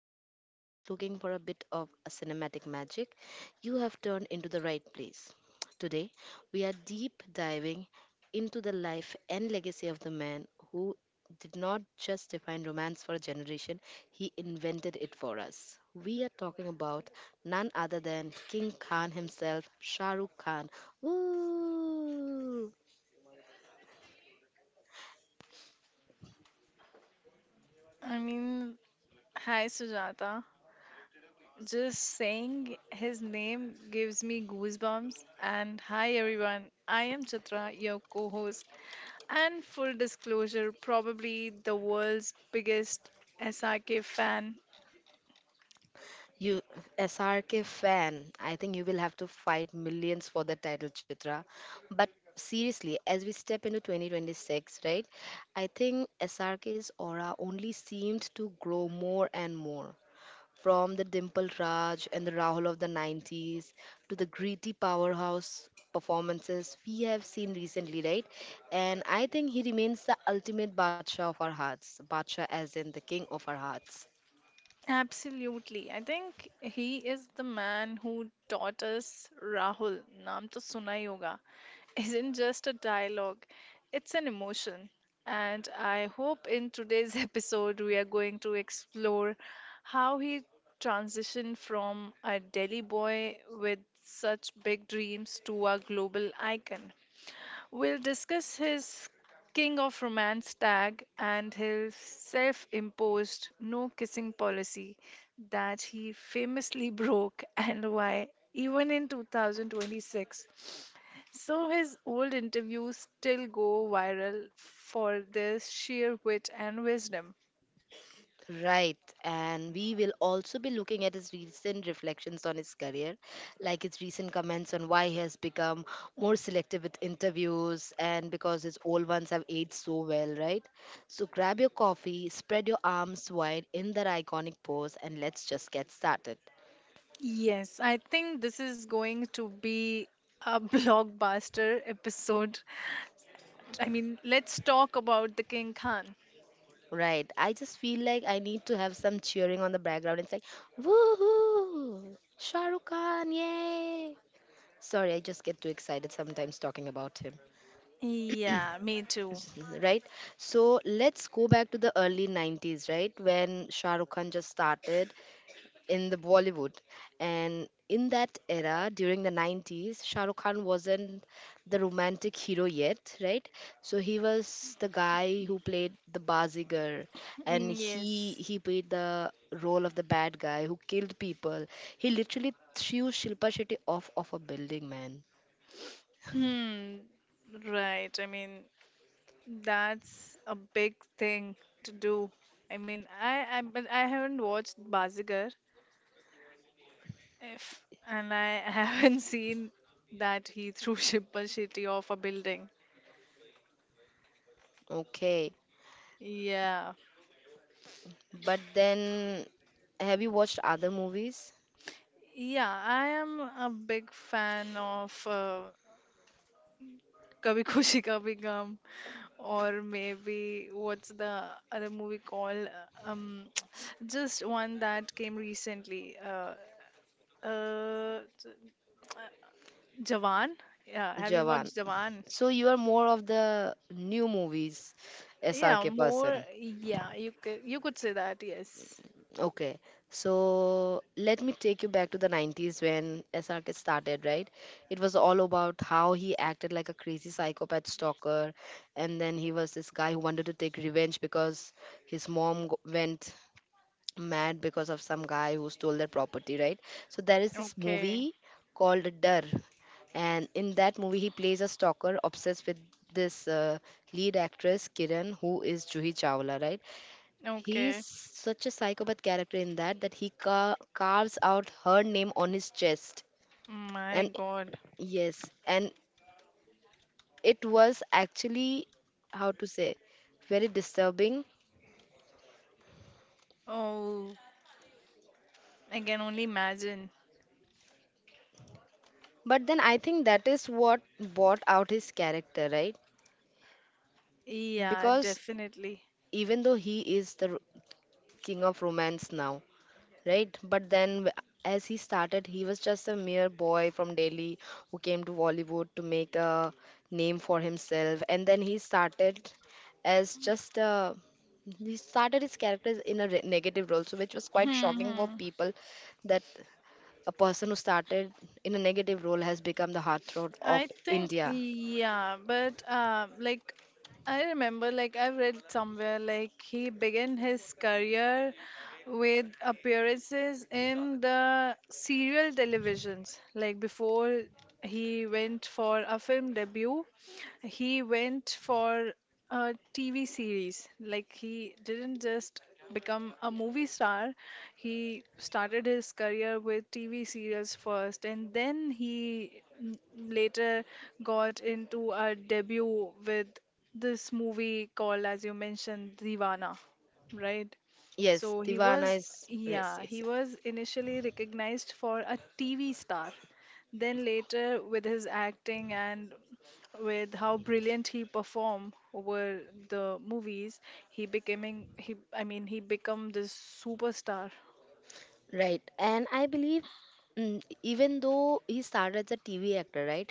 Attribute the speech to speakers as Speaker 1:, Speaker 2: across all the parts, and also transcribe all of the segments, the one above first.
Speaker 1: tea, or just looking for a bit of a cinematic magic, you have turned into the right place. Today, we are deep diving into the life and legacy of the man who did not just define romance for a generation, he invented it for us. We are talking about none other than King Khan himself, Shah Rukh Khan, woo!
Speaker 2: I mean, hi Sujata. Just saying his name gives me goosebumps. And hi everyone, I am Chitra, your co host, and full disclosure, probably the world's biggest SRK fan.
Speaker 1: You SRK fan. I think you will have to fight millions for the title, Chitra. But seriously, as we step into 2026, right? I think SRK's aura only seemed to grow more and more. From the Dimple Raj and the Rahul of the 90s to the gritty powerhouse performances we have seen recently, right? And I think he remains the ultimate Badshah of our hearts. Badshah as in the king of our hearts.
Speaker 2: Absolutely. I think he is the man who taught us Rahul, Naam to Suna Yoga, isn't just a dialogue, it's an emotion. And I hope in today's episode we are going to explore how he transitioned from a Delhi boy with such big dreams to a global icon. We'll discuss his King of Romance tag and his self imposed no kissing policy that he famously broke and why, even in 2026. So, his old interviews still go viral for their sheer wit and wisdom.
Speaker 1: Right, and we will also be looking at his recent reflections on his career, like his recent comments on why he has become more selective with interviews and because his old ones have aged so well, right? So grab your coffee, spread your arms wide in that iconic pose, and let's just get started.
Speaker 2: Yes, I think this is going to be a blockbuster episode. I mean, let's talk about the King Khan.
Speaker 1: Right, I just feel like I need to have some cheering on the background. It's like, woohoo! Shahrukh Khan, yay! Sorry, I just get too excited sometimes talking about him.
Speaker 2: Yeah, me too.
Speaker 1: Right, so let's go back to the early 90s, right? When Shah Rukh Khan just started in the Bollywood, and in that era during the 90s, Shah Rukh Khan wasn't the romantic hero yet, right? So he was the guy who played the Bazigar, and
Speaker 2: Mm,
Speaker 1: he
Speaker 2: yes.
Speaker 1: he played the role of the bad guy who killed people. He literally threw Shilpa Shetty off of a building, man.
Speaker 2: Hmm. Right. I mean, that's a big thing to do. I mean, I but I haven't watched Bazigar, if and I haven't seen that he threw Shilpa Shetty off a building.
Speaker 1: Okay,
Speaker 2: Yeah.
Speaker 1: but then have you watched other movies?
Speaker 2: Yeah, I am a big fan of Kabhi Khushi Kabhi Gum, or maybe what's the other movie called? Just one that came recently. Uh, j- uh, Jawan. Yeah, have you
Speaker 1: Jawan.
Speaker 2: watched Jawan?
Speaker 1: So you are more of the new movies
Speaker 2: Yeah,
Speaker 1: SRK
Speaker 2: more.
Speaker 1: person.
Speaker 2: Yeah, you could say that. Yes.
Speaker 1: Okay, so let me take you back to the 90s when SRK started, right? It was all about how he acted like a crazy psychopath stalker, and then he was this guy who wanted to take revenge because his went mad because of some guy who stole their property, right? So there is this
Speaker 2: Okay.
Speaker 1: movie called Dar, and in that movie he plays a stalker obsessed with this lead actress Kiran, who is Juhi Chawla, right? He's
Speaker 2: Okay.
Speaker 1: such a psychopath character in that that he carves out her name on his chest,
Speaker 2: My
Speaker 1: and
Speaker 2: God.
Speaker 1: yes, and it was actually, how to say, very disturbing.
Speaker 2: Oh, I can only imagine.
Speaker 1: But then I think that is what brought out his character, right?
Speaker 2: Yeah,
Speaker 1: Because
Speaker 2: definitely.
Speaker 1: even though he is the king of romance now, right? But then as he started, he was just a mere boy from Delhi who came to Bollywood to make a name for himself, and then he started as just a, he started his characters in a negative role, so which was quite shocking for people that a person who started in a negative role has become the heartthrob of
Speaker 2: I think,
Speaker 1: India.
Speaker 2: yeah, but like I remember, like I've read somewhere, like he began his career with appearances in the serial televisions, like before he went for a film debut he went for a TV series. Like he didn't just become a movie star. He started his career with TV serials first and then he later got into a debut with this movie called, as you mentioned, Divana, right?
Speaker 1: Yes,
Speaker 2: So he
Speaker 1: Divana
Speaker 2: was,
Speaker 1: is, yes,
Speaker 2: yeah,
Speaker 1: yes,
Speaker 2: he
Speaker 1: yes.
Speaker 2: was initially recognized for a TV star. Then later, with his acting and with how brilliant he performed over the movies, he becoming he I mean he become this superstar.
Speaker 1: Right. And I believe, mm, even though he started as a TV actor, right?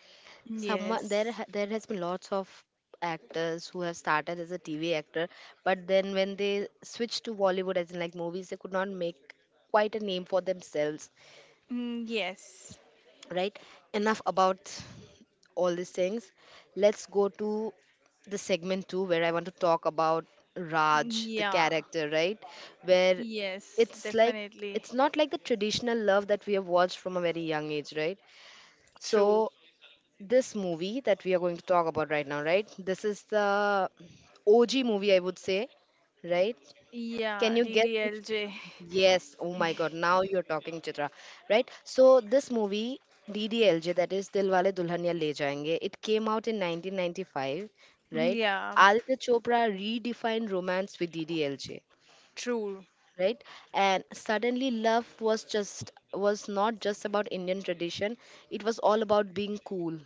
Speaker 1: Someone there
Speaker 2: Yes.
Speaker 1: there has been lots of actors who have started as a TV actor, but then when they switched to Bollywood as in like movies, they could not make quite a name for themselves,
Speaker 2: Mm, yes.
Speaker 1: right? Enough about all these things, let's go to the segment 2, where I want to talk about Raj, the
Speaker 2: Yeah.
Speaker 1: character, right? Where
Speaker 2: Yes,
Speaker 1: it's like,
Speaker 2: definitely.
Speaker 1: it's not like the traditional love that we have watched from a very young age, right? So
Speaker 2: True.
Speaker 1: this movie that we are going to talk about right now, right, this is the OG movie, I would say, right? Can
Speaker 2: Yeah,
Speaker 1: you guess which?
Speaker 2: DDJ.
Speaker 1: Yes. Oh my God. Now you're talking, Chitra. Right? So this movie DDLJ, that is Dilwale Dulhania Le Jayenge, it came out in 1995, right?
Speaker 2: Yeah.
Speaker 1: Aditya Chopra redefined romance with DDLJ,
Speaker 2: True.
Speaker 1: right? And suddenly, love was just was not just about Indian tradition. It was all about being cool.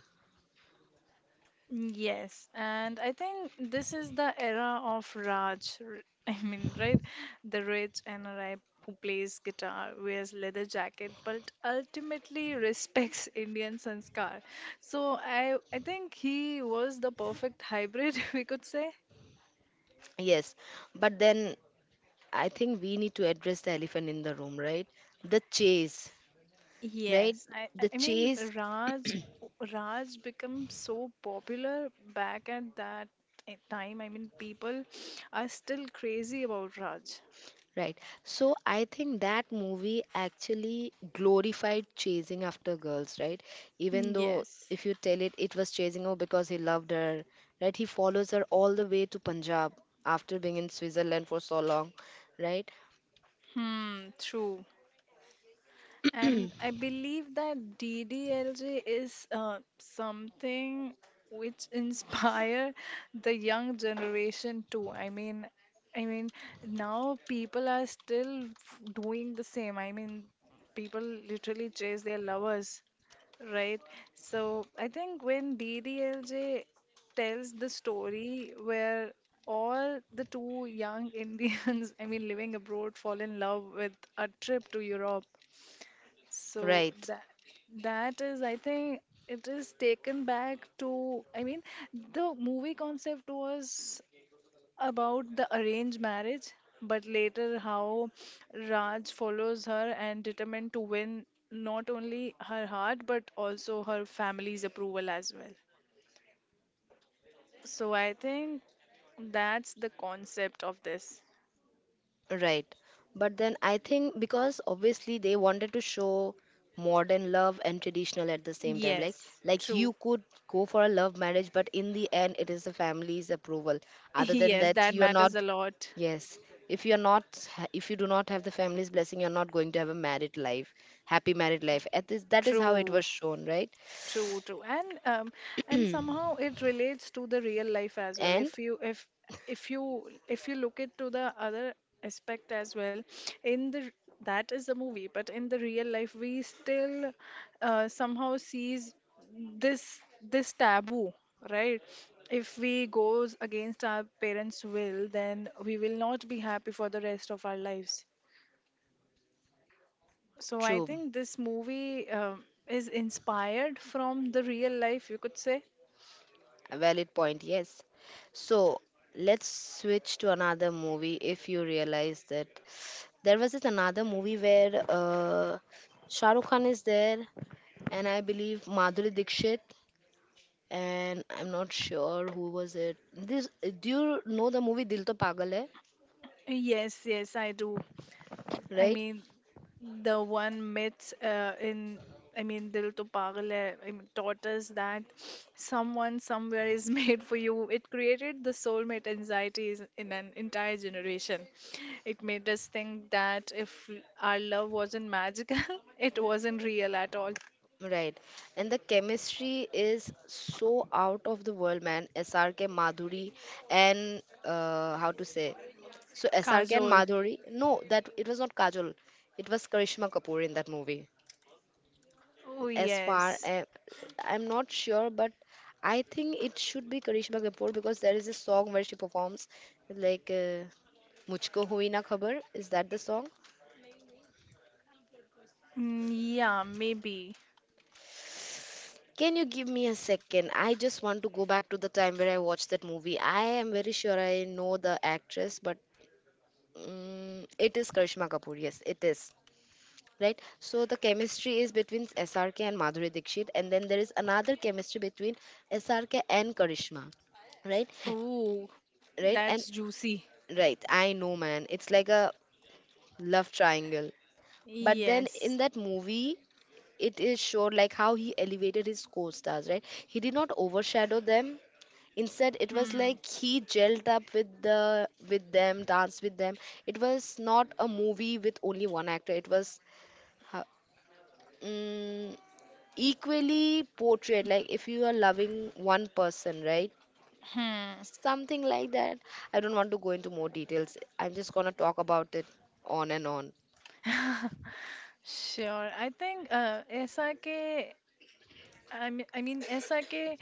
Speaker 2: Yes, and I think this is the era of Raj. I mean, right? The rich NRI who plays guitar, wears leather jacket, but ultimately respects Indian sanskar. So, I think he was the perfect hybrid, we could say.
Speaker 1: Yes, but then I think we need to address the elephant in the room, right? The chase, right?
Speaker 2: Yes, I, I
Speaker 1: The
Speaker 2: I mean
Speaker 1: chase.
Speaker 2: Raj, Raj became so popular back at that time. I mean, people are still crazy about Raj.
Speaker 1: Right, so I think that movie actually glorified chasing after girls, right? Even though
Speaker 2: Yes.
Speaker 1: if you tell it, it was chasing her because he loved her, right? He follows her all the way to Punjab after being in Switzerland for so long, right?
Speaker 2: Hmm, true. And I believe that DDLJ is something which inspire the young generation too. I mean, now people are still doing the same. I mean, people literally chase their lovers, right? So I think when DDLJ tells the story where all the two young Indians, I mean, living abroad, fall in love with a trip to Europe, so
Speaker 1: Right.
Speaker 2: that that is, I think, it is taken back to. I mean, the movie concept was about the arranged marriage, but later how Raj follows her and determined to win not only her heart but also her family's approval as well. So I think that's the concept of this.
Speaker 1: Right. But then I think because obviously they wanted to show modern love and traditional at the same time. Like
Speaker 2: Yes,
Speaker 1: like
Speaker 2: true.
Speaker 1: you could go for a love marriage, but in the end it is the family's approval. Other than
Speaker 2: Yes,
Speaker 1: that,
Speaker 2: that
Speaker 1: you are
Speaker 2: matters a
Speaker 1: not,
Speaker 2: lot.
Speaker 1: yes. If you're not if you do not have the family's blessing, you're not going to have a married life, happy married life. At this, that is how it
Speaker 2: True.
Speaker 1: was shown, right?
Speaker 2: True, true, and somehow it relates to the real life as well.
Speaker 1: And
Speaker 2: If you look it to the other aspect as well, in the that is the movie, but in the real life we still somehow sees this this taboo, right? If we goes against our parents' will, then we will not be happy for the rest of our lives. So I
Speaker 1: true.
Speaker 2: think this movie is inspired from the real life, you could say.
Speaker 1: A valid point, yes. So let's switch to another movie. If you realize that there was this another movie where Shah Rukh Khan is there, and I believe Madhuri Dixit, and I'm not sure who was it. This, do you know the movie Dil To Pagal Hai,
Speaker 2: Yes, yes, I do. I
Speaker 1: right?
Speaker 2: mean, the one myth I mean, Dil to Pagal Hai, I mean, taught us that someone somewhere is made for you. It created the soulmate anxieties in an entire generation. It made us think that if our love wasn't magical, it wasn't real at all.
Speaker 1: Right. And the chemistry is so out of the world, man. SRK Madhuri and, how to say? So SRK and
Speaker 2: Kajol.
Speaker 1: Madhuri. No, that it was not Kajol. It was Karishma Kapoor in that movie.
Speaker 2: Oh,
Speaker 1: As far
Speaker 2: yes.
Speaker 1: as I'm not sure, but I think it should be Karishma Kapoor because there is a song where she performs like "Mujhko Hui Na Khabar." Is that the song?
Speaker 2: Mm, yeah, maybe.
Speaker 1: Can you give me a second? I just want to go back to the time where I watched that movie. I am very sure I know the actress, but, mm, it is Karishma Kapoor. Yes, it is. Right? So the chemistry is between SRK and Madhuri Dixit, and then there is another chemistry between SRK and Karishma. Right?
Speaker 2: Oh,
Speaker 1: Right?
Speaker 2: that's
Speaker 1: And
Speaker 2: juicy.
Speaker 1: right, I know, man. It's like a love triangle. But then
Speaker 2: Yes.
Speaker 1: in that movie, it is showed like how he elevated his co-stars, right? He did not overshadow them, instead it was
Speaker 2: Hmm.
Speaker 1: like he gelled up with the, with them, danced with them. It was not a movie with only one actor, it was, uh, mm, equally portrayed, like if you are loving one person, right?
Speaker 2: Hmm.
Speaker 1: Something like that. I don't want to go into more details, I'm just gonna talk about it on and on.
Speaker 2: Sure. I think uh, SRK, mean, I mean, SRK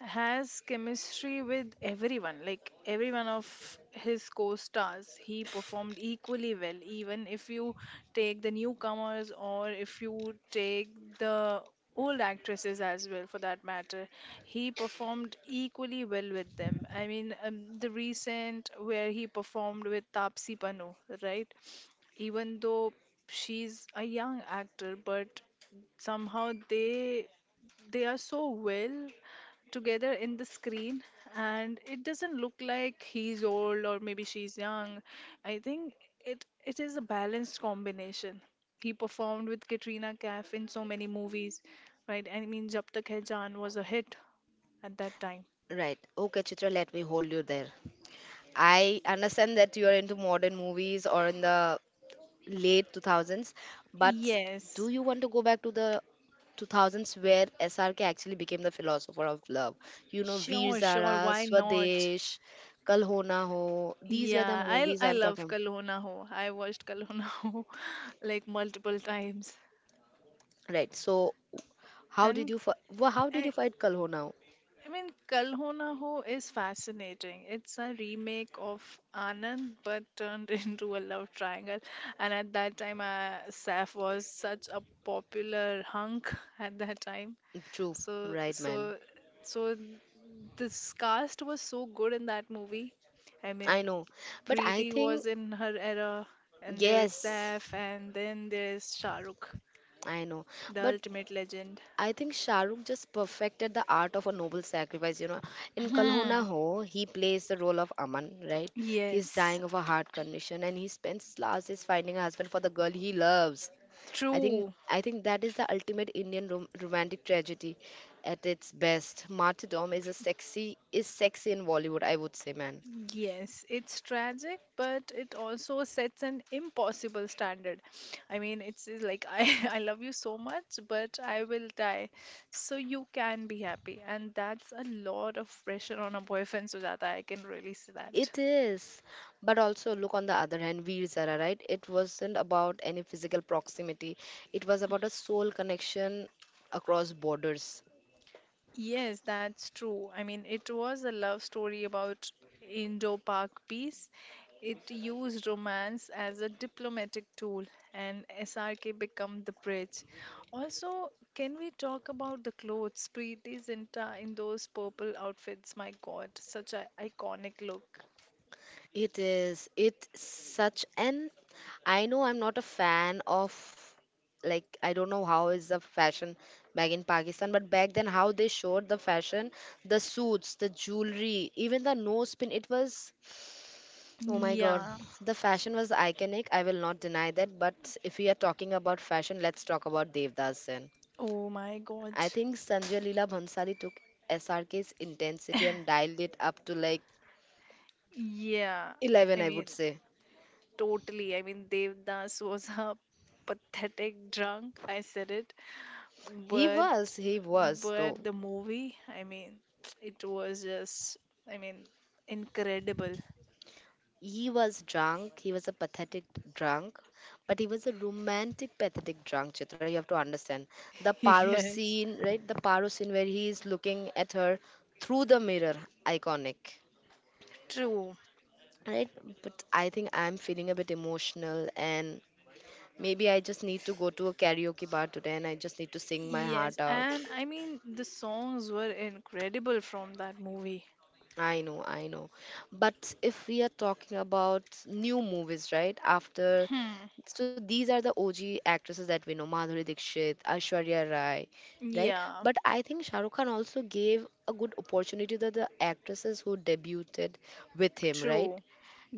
Speaker 2: has chemistry with everyone, like every one of his co stars. He performed equally well, even if you take the newcomers or if you take the old actresses as well, for that matter. He performed equally well with them. I mean, the recent where he performed with Tapsi Pannu, right? Even though she's a young actor, but somehow they are so well together in the screen, and it doesn't look like he's old or maybe she's young. I think it it is a balanced combination. He performed with Katrina Kaif in so many movies, right? I mean, Jab Tak Hai Jaan was a hit at that time.
Speaker 1: Right, okay, Chitra, let me hold you there. I understand that you are into modern movies or in the late 2000s, but do
Speaker 2: Yes.
Speaker 1: you want to go back to the 2000s where SRK actually became the philosopher of love? You know, Veer
Speaker 2: Sure,
Speaker 1: Zara,
Speaker 2: sure, why not.
Speaker 1: Swadesh, Kal Ho Na Ho, these were the
Speaker 2: Yeah, i
Speaker 1: movies
Speaker 2: i
Speaker 1: I'm
Speaker 2: love
Speaker 1: talking.
Speaker 2: Kalhona Ho Na Ho. I watched Kalhona Ho Na Ho like multiple times.
Speaker 1: Right, so how did
Speaker 2: And
Speaker 1: you how did you
Speaker 2: I,
Speaker 1: fight Kal Ho Na Ho?
Speaker 2: I mean, Kal Ho Na Ho is fascinating. It's a remake of Anand, but turned into a love triangle. And at that time, Saif was such a popular hunk at that time.
Speaker 1: True.
Speaker 2: So,
Speaker 1: Right, man.
Speaker 2: so, so this cast was so good in that movie. I
Speaker 1: I
Speaker 2: mean,
Speaker 1: know, but I
Speaker 2: Preeti
Speaker 1: think,
Speaker 2: was in her era, and there is
Speaker 1: yes,
Speaker 2: Saif, and then there is Shah Rukh,
Speaker 1: I know,
Speaker 2: the
Speaker 1: but
Speaker 2: ultimate legend.
Speaker 1: I think Shahrukh just perfected the art of a noble sacrifice. You know, in Kalhona
Speaker 2: Hmm.
Speaker 1: Ho Ho, he plays the role of Aman, right? He's
Speaker 2: Yes,
Speaker 1: dying of a heart condition, and he spends his last days finding a husband for the girl he loves. I think
Speaker 2: true.
Speaker 1: I think that is the ultimate Indian romantic tragedy at its best. Martyrdom is a sexy, is sexy in Bollywood, I would say, man.
Speaker 2: Yes, it's tragic, but it also sets an impossible standard. I mean, it's like I, I love you so much, but I will die. So you can be happy. And that's a lot of pressure on a boyfriend, Sujata. I can really see that.
Speaker 1: It is. But also, look on the other hand, Veer Zara, right? It wasn't about any physical proximity, it was about a soul connection across borders.
Speaker 2: Yes, that's true. I mean, it was a love story about Indo Pak peace. It used romance as a diplomatic tool, and SRK became the bridge. Also, can we talk about the clothes? Preeti Zinta in those purple outfits. My God, such an iconic look.
Speaker 1: It is. It's such an. I know I'm not a fan of. Like, I don't know how is the fashion back in Pakistan, but back then how they showed the fashion, the suits, the jewelry, even the nose pin. It was, oh my god,
Speaker 2: Yeah.
Speaker 1: the fashion was iconic. I will not deny that. But if we are talking about fashion, let's talk about Devdas Sen.
Speaker 2: Oh my God.
Speaker 1: I think Sanjay Leela Bhansali took SRK's intensity and dialed it up to like
Speaker 2: Yeah,
Speaker 1: 11,
Speaker 2: I
Speaker 1: I
Speaker 2: mean,
Speaker 1: would say.
Speaker 2: totally. I mean, Devdas was a pathetic drunk. I said it, but
Speaker 1: He was
Speaker 2: But
Speaker 1: though.
Speaker 2: the movie, I mean, it was just, I mean, incredible.
Speaker 1: He was drunk. He was a pathetic drunk, but he was a romantic pathetic drunk. Chitra, you have to understand the paro
Speaker 2: Yes.
Speaker 1: scene, right? The paro scene where he is looking at her through the mirror, iconic.
Speaker 2: True.
Speaker 1: Right, but I think I'm feeling a bit emotional, and maybe I just need to go to a karaoke bar today and I just need to sing my
Speaker 2: Yes,
Speaker 1: heart out.
Speaker 2: and I mean the songs were incredible from that movie.
Speaker 1: I know, I know. But if we are talking about new movies, right? After,
Speaker 2: Hmm.
Speaker 1: so these are the OG actresses that we know, Madhuri Dixit, Aishwarya Rai, right?
Speaker 2: Yeah,
Speaker 1: But I think Shah Rukh Khan also gave a good opportunity to the actresses who debuted with him, right?
Speaker 2: true.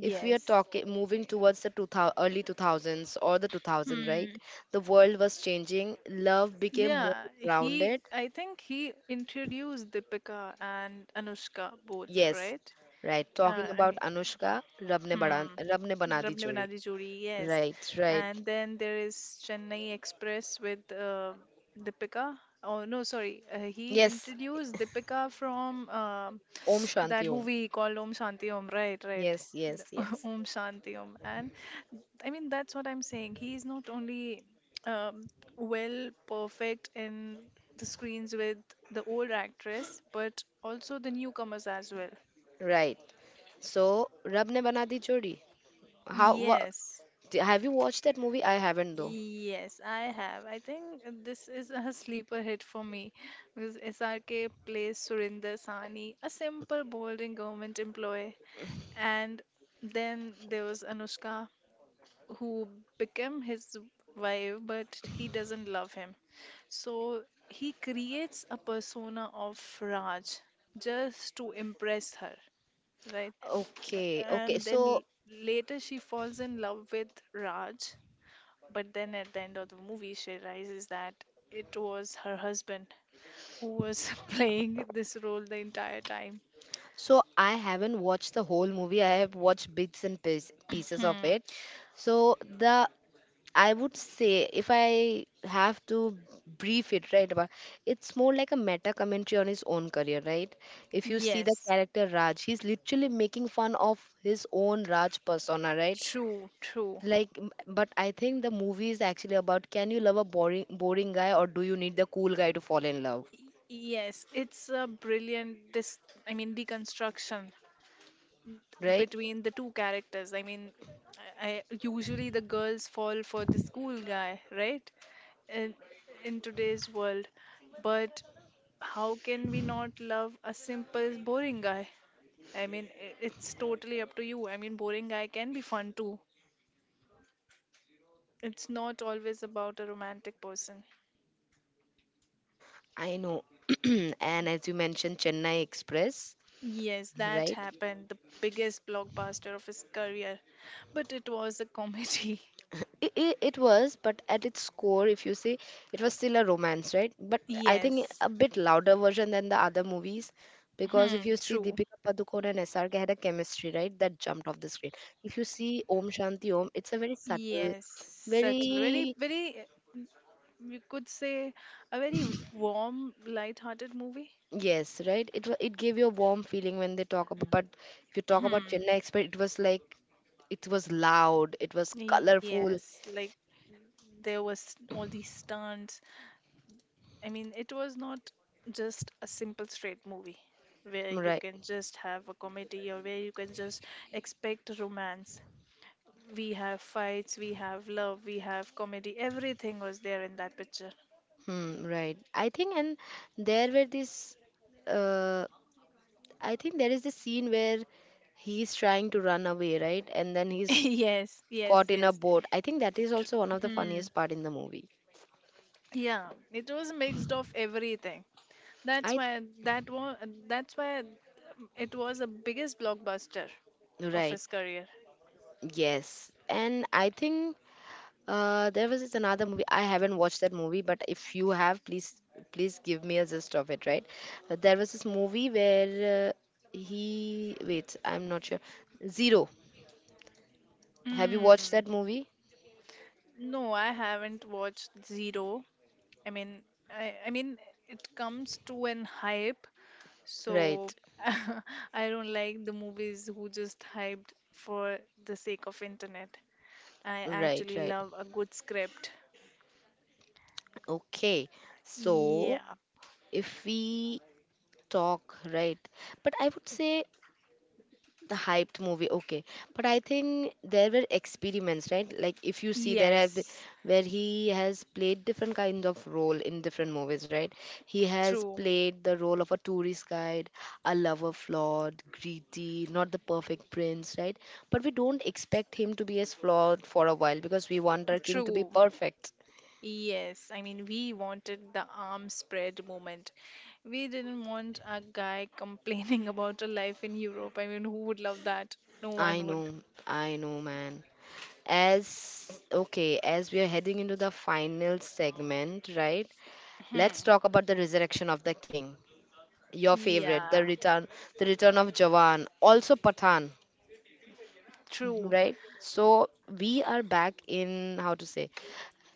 Speaker 1: If we are talking moving towards the 2000, early 2000s or the 2000, right?
Speaker 2: Hmm.
Speaker 1: The world was changing, love became more
Speaker 2: Yeah,
Speaker 1: grounded.
Speaker 2: he introduced Deepika and Anushka both,
Speaker 1: Yes,
Speaker 2: right?
Speaker 1: right, talking
Speaker 2: I
Speaker 1: about
Speaker 2: mean,
Speaker 1: Anushka. rab ne
Speaker 2: hmm.
Speaker 1: bana rab ne bana di
Speaker 2: Rab Ne Bana
Speaker 1: jodi
Speaker 2: Di जोड़ी, yes.
Speaker 1: Right, right.
Speaker 2: And then there is Chennai Express with Deepika. Oh no, sorry. He
Speaker 1: Yes,
Speaker 2: introduced Deepika from
Speaker 1: Om Shanti
Speaker 2: that
Speaker 1: Om.
Speaker 2: movie called Om Shanti Om. Right, right.
Speaker 1: Yes, yes,
Speaker 2: The-
Speaker 1: yes.
Speaker 2: Om Shanti Om. And I mean, that's what I'm saying. He is not only um, well perfect in the screens with the old actress, but also the newcomers as well.
Speaker 1: Right. So Rab Ne Bana Di Jodi. how wha,
Speaker 2: Yes.
Speaker 1: have you watched that movie? I haven't though.
Speaker 2: Yes, I have. I think this is a sleeper hit for me because SRK plays Surinder Sani, a simple, boring government employee. And then there was Anushka, who became his wife, but he doesn't love him. So he creates a persona of Raj just to impress her, right?
Speaker 1: Okay, okay.
Speaker 2: And then
Speaker 1: So,
Speaker 2: later she falls in love with Raj, but then at the end of the movie, she realizes that it was her husband who was playing this role the entire time.
Speaker 1: so I haven't watched the whole movie. I have watched bits and pieces of
Speaker 2: Hmm.
Speaker 1: it. So the, I would say, if I have to brief it, right, about, it's more like a meta commentary on his own career, right? If you see the
Speaker 2: Yes.
Speaker 1: character Raj, he's literally making fun of his own Raj persona, right?
Speaker 2: True. True.
Speaker 1: But I think the movie is actually about, can you love a boring guy, or do you need the cool guy to fall in love,
Speaker 2: Yes. It's a brilliant I mean deconstruction
Speaker 1: right?
Speaker 2: between the two characters. I mean, I usually the girls fall for the school guy, right? In, in today's world, but how can we not love a simple, boring guy? I mean, it's totally up to you. I mean, boring guy can be fun too. It's not always about a romantic person.
Speaker 1: I know. And as you mentioned Chennai Express,
Speaker 2: Yes, that
Speaker 1: right,
Speaker 2: happened. The biggest blockbuster of his career. But it was a comedy.
Speaker 1: it was, but at its core, if you see, it was still a romance, right? But I think
Speaker 2: Yes.
Speaker 1: a bit louder version than the other movies, because if
Speaker 2: Hmm,
Speaker 1: you see
Speaker 2: true.
Speaker 1: Deepika Padukone and SRK had a chemistry, right, that jumped off the screen. If you see Om Shanti Om, it's a very
Speaker 2: Yes.
Speaker 1: subtle,
Speaker 2: Subtle.
Speaker 1: very,
Speaker 2: You could say, a very warm, light-hearted movie.
Speaker 1: yes, right. It gave you a warm feeling when they talk about, but if you talk about
Speaker 2: Hmm.
Speaker 1: Chennai Express, it was like, it was loud, it was
Speaker 2: Yes.
Speaker 1: colorful,
Speaker 2: Like, there was all these stunts, I mean, it was not just a simple straight movie where you
Speaker 1: right?
Speaker 2: can just have a comedy or where you can just expect romance. We have fights, we have love, we have comedy. Everything was there in that picture.
Speaker 1: Hmm, right. I think, and there were this. Uh, I think there is this scene where he's trying to run away, right? And then he's
Speaker 2: yes, yes,
Speaker 1: caught in a
Speaker 2: yes.
Speaker 1: boat. I think that is also one of the
Speaker 2: Hmm.
Speaker 1: funniest part in the movie.
Speaker 2: Yeah, it was mixed of everything. That's
Speaker 1: I,
Speaker 2: why that was that's why it was the biggest blockbuster of
Speaker 1: right.
Speaker 2: his career.
Speaker 1: Yes, and I think, there was this another movie. I haven't watched that movie, but if you have, please, please give me a gist of it, right? There was this movie where he, wait, I'm not sure. Zero. Have you watched
Speaker 2: Mm.
Speaker 1: that movie?
Speaker 2: No, I haven't watched Zero. I mean, I mean, it comes to an hype, so
Speaker 1: Right.
Speaker 2: I don't like the movies who just hyped for the sake of internet. I
Speaker 1: Right,
Speaker 2: actually
Speaker 1: right.
Speaker 2: love a good script.
Speaker 1: Okay. So,
Speaker 2: Yeah.
Speaker 1: if we talk, right, but I would say the hyped movie, okay. But I think there were experiments, right? Like, if you see there have been,
Speaker 2: Yes.
Speaker 1: where he has played different kinds of role in different movies, right? He has
Speaker 2: True.
Speaker 1: played the role of a tourist guide, a lover, flawed, greedy, not the perfect prince, right? But we don't expect him to be as flawed for a while, because we want our king to be
Speaker 2: True.
Speaker 1: perfect.
Speaker 2: Yes. I mean, we wanted the arm spread moment. We didn't want a guy complaining about a life in Europe. I mean, who would love that? No
Speaker 1: I
Speaker 2: one would.
Speaker 1: know, I know, man. As, okay, as we are heading into the final segment, right? Let's
Speaker 2: Hmm.
Speaker 1: talk about the resurrection of the king. Your favorite,
Speaker 2: Yeah.
Speaker 1: the return of Jawan, also Pathan,
Speaker 2: True.
Speaker 1: right? So we are back in, how to say,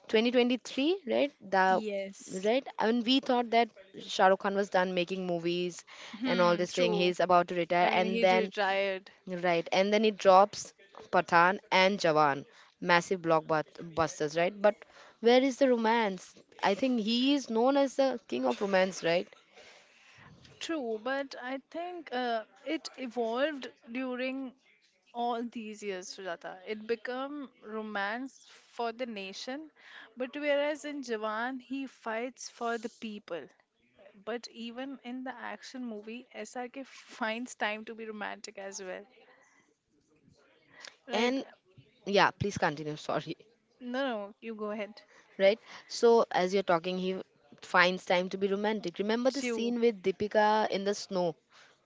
Speaker 1: 2023, right? The,
Speaker 2: Yes.
Speaker 1: right, and we thought that Shah Rukh Khan was done making movies and all
Speaker 2: Hmm,
Speaker 1: this thing.
Speaker 2: true.
Speaker 1: He's about to retire,
Speaker 2: I mean,
Speaker 1: and
Speaker 2: he
Speaker 1: then,
Speaker 2: retired.
Speaker 1: right, and then it drops Pathan and Jawan, massive blockbusters, right? But where is the romance? I think he is known as the king of romance, right?
Speaker 2: True, but I think it evolved during all these years, Sujata. It became romance for the nation, but whereas in Jawan, he fights for the people. But even in the action movie, SRK finds time to be romantic as well. Right?
Speaker 1: And yeah, please continue. Sorry,
Speaker 2: No, no, you go ahead.
Speaker 1: right? So as you're talking, he finds time to be romantic. Remember the
Speaker 2: Chew.
Speaker 1: scene with Deepika in the snow,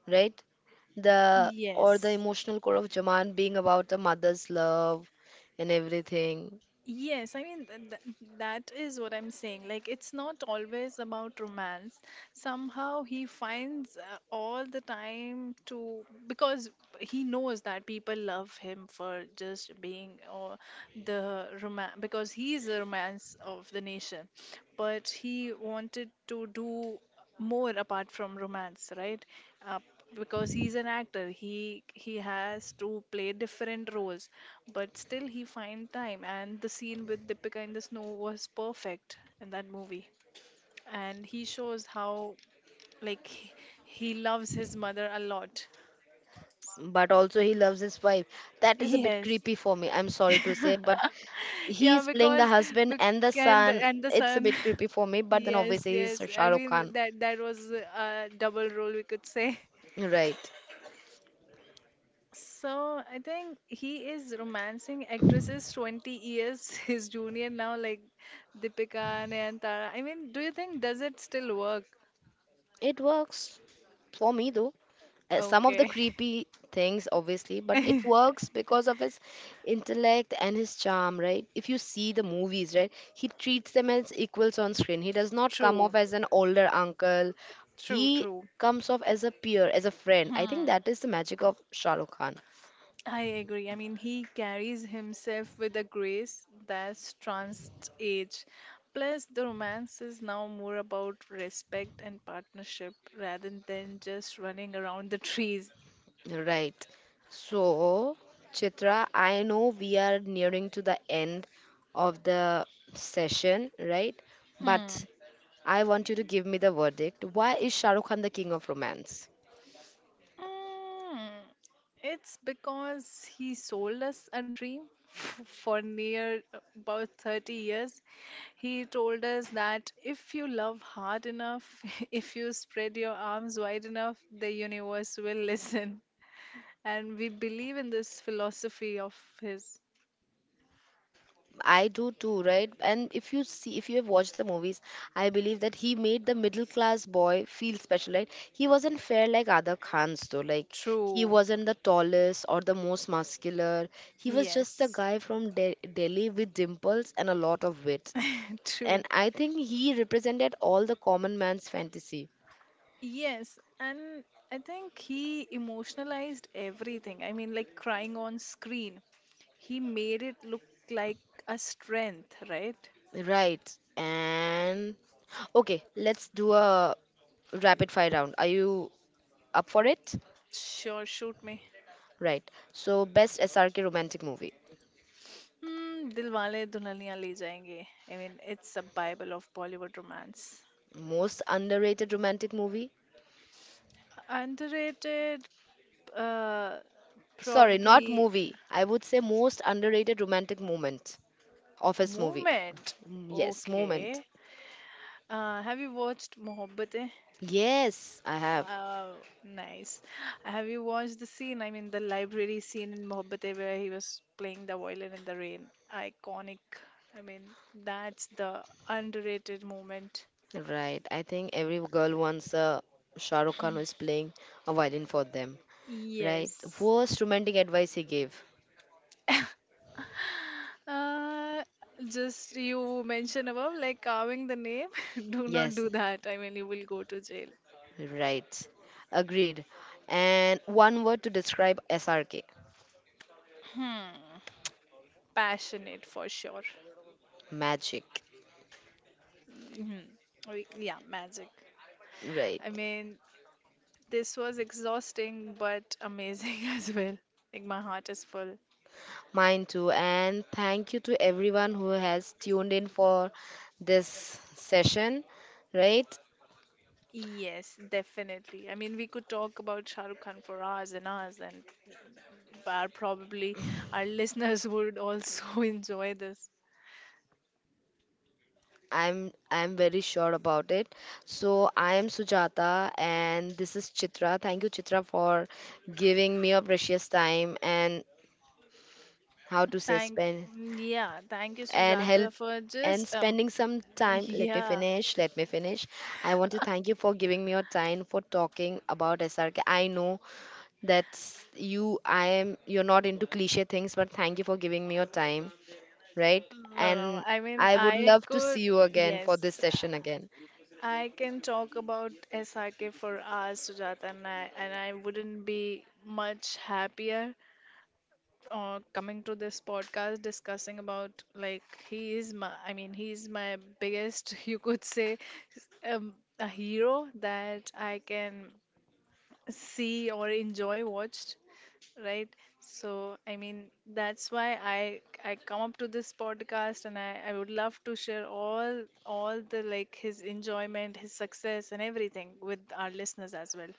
Speaker 1: right? The, or the
Speaker 2: Yes.
Speaker 1: emotional core of Jaman being about the mother's love and everything.
Speaker 2: Yes, I mean that is what I'm saying. Like it's not always about romance. Somehow he finds all the time to because he knows that people love him for just being or the romance because he is the romance of the nation. But he wanted to do more apart from romance, right? uh, because he's an actor, he has to play different roles, but still he find time, and the scene with Deepika in the snow was perfect in that movie, and he shows how like he, he loves his mother a lot.
Speaker 1: But also he loves his wife. That is a bit
Speaker 2: Yes.
Speaker 1: creepy for me. I'm sorry to say, but he
Speaker 2: Yeah,
Speaker 1: is playing the
Speaker 2: because
Speaker 1: husband
Speaker 2: bec-
Speaker 1: and the son.
Speaker 2: and the
Speaker 1: It's a
Speaker 2: son.
Speaker 1: bit creepy for me, but then
Speaker 2: Yes,
Speaker 1: obviously he's
Speaker 2: yes,
Speaker 1: Shah
Speaker 2: I
Speaker 1: Rukh
Speaker 2: mean
Speaker 1: Khan.
Speaker 2: that that was a double role, we could say.
Speaker 1: Right.
Speaker 2: So I think he is romancing actresses 20 years his junior now, like Deepika, Nayantara. I mean, do you think does it still work?
Speaker 1: It works for me though. Some of the
Speaker 2: Okay.
Speaker 1: creepy things obviously, but it works because of his intellect and his charm, right? If you see the movies, right, he treats them as equals on screen, he does not come off
Speaker 2: True,
Speaker 1: as an older uncle,
Speaker 2: true,
Speaker 1: he
Speaker 2: true.
Speaker 1: comes off as a peer, as a friend. I think
Speaker 2: Hmm.
Speaker 1: that is the magic of Shah Rukh Khan.
Speaker 2: I agree. I mean, he carries himself with a grace that's trans age. Plus, the romance is now more about respect and partnership rather than just running around the trees.
Speaker 1: Right. So, Chitra, I know we are nearing to the end of the session, right?
Speaker 2: Hmm.
Speaker 1: But I want you to give me the verdict. Why is Shah Rukh Khan the king of romance?
Speaker 2: Mm, it's because he sold us a dream for near about 30 years. He told us that if you love hard enough, if you spread your arms wide enough, the universe will listen. And we believe in this philosophy of his.
Speaker 1: I do too, right? And if you see, if you have watched the movies, I believe that he made the middle class boy feel special, right? He wasn't fair like other Khans, though. Like, he
Speaker 2: True.
Speaker 1: wasn't the tallest or the most muscular. He was just a
Speaker 2: Yes.
Speaker 1: guy from Delhi with dimples and a lot of wit. And
Speaker 2: True.
Speaker 1: I think he represented all the common man's fantasy.
Speaker 2: Yes. And I think he emotionalized everything. I mean, like crying on screen, he made it look like a strength, right?
Speaker 1: Right. And okay, let's do a rapid fire round. Are you up for it?
Speaker 2: Sure, shoot me.
Speaker 1: Right. So, best SRK romantic movie.
Speaker 2: Hmm, Dilwale Dulhania Le Jayenge. I mean, it's a bible of Bollywood romance.
Speaker 1: Most underrated romantic movie?
Speaker 2: Underrated, uh,
Speaker 1: Sorry, not
Speaker 2: probably
Speaker 1: movie. I would say most underrated romantic moment. Office movie.
Speaker 2: movement.
Speaker 1: Mm, yes, moment.
Speaker 2: Okay. Have you watched Mohabbatein?
Speaker 1: Yes, I have.
Speaker 2: Oh, nice. Have you watched the scene? I mean, the library scene in Mohabbatein where he was playing the violin in the rain. Iconic. I mean, that's the underrated moment.
Speaker 1: Right. I think every girl wants a Shah Rukh Khan who is playing a violin for them. Right.
Speaker 2: Yes.
Speaker 1: Worst romantic advice he gave.
Speaker 2: Uh, just you mentioned above, like carving the name. Do not
Speaker 1: Yes.
Speaker 2: do that. I mean, you will go to jail.
Speaker 1: Right. Agreed. And one word to describe SRK.
Speaker 2: Hmm. Passionate for sure.
Speaker 1: Magic.
Speaker 2: Mhm. Yeah, magic.
Speaker 1: Right.
Speaker 2: I mean, this was exhausting but amazing as well. Like my heart is full.
Speaker 1: Mine too. And thank you to everyone who has tuned in for this session. Right.
Speaker 2: Yes, definitely. I mean, we could talk about Shah Rukh Khan for hours and hours, and our, probably our listeners would also enjoy this.
Speaker 1: I'm very sure about it. So I am Sujata and this is Chitra. Thank you Chitra for giving me your precious time and, how to say,
Speaker 2: Thank,
Speaker 1: spend
Speaker 2: yeah, thank you,
Speaker 1: and help
Speaker 2: Sujata, for
Speaker 1: and
Speaker 2: just
Speaker 1: spending some time. Let me
Speaker 2: yeah.
Speaker 1: finish. Let me finish. I want to thank you for giving me your time for talking about SRK. I know that's you. I am. You're not into cliche things, but thank you for giving me your time. Right.
Speaker 2: No, no.
Speaker 1: And
Speaker 2: I mean,
Speaker 1: I would
Speaker 2: I
Speaker 1: love to see
Speaker 2: could.
Speaker 1: you again for
Speaker 2: Yes,
Speaker 1: this session again.
Speaker 2: I can talk about SRK for hours, Sujata, and I wouldn't be much happier coming to this podcast discussing about like he is my I mean he's my biggest you could say um, a hero that I can see or enjoy watched right so I mean that's why I come up to this podcast and I would love to share all the like his enjoyment his success and everything with our listeners as well.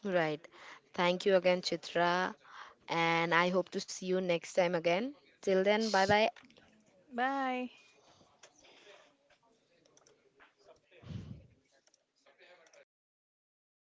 Speaker 1: Right. Thank you again, Chitra. And I hope to see you next time again. Till then, bye bye.
Speaker 2: Bye.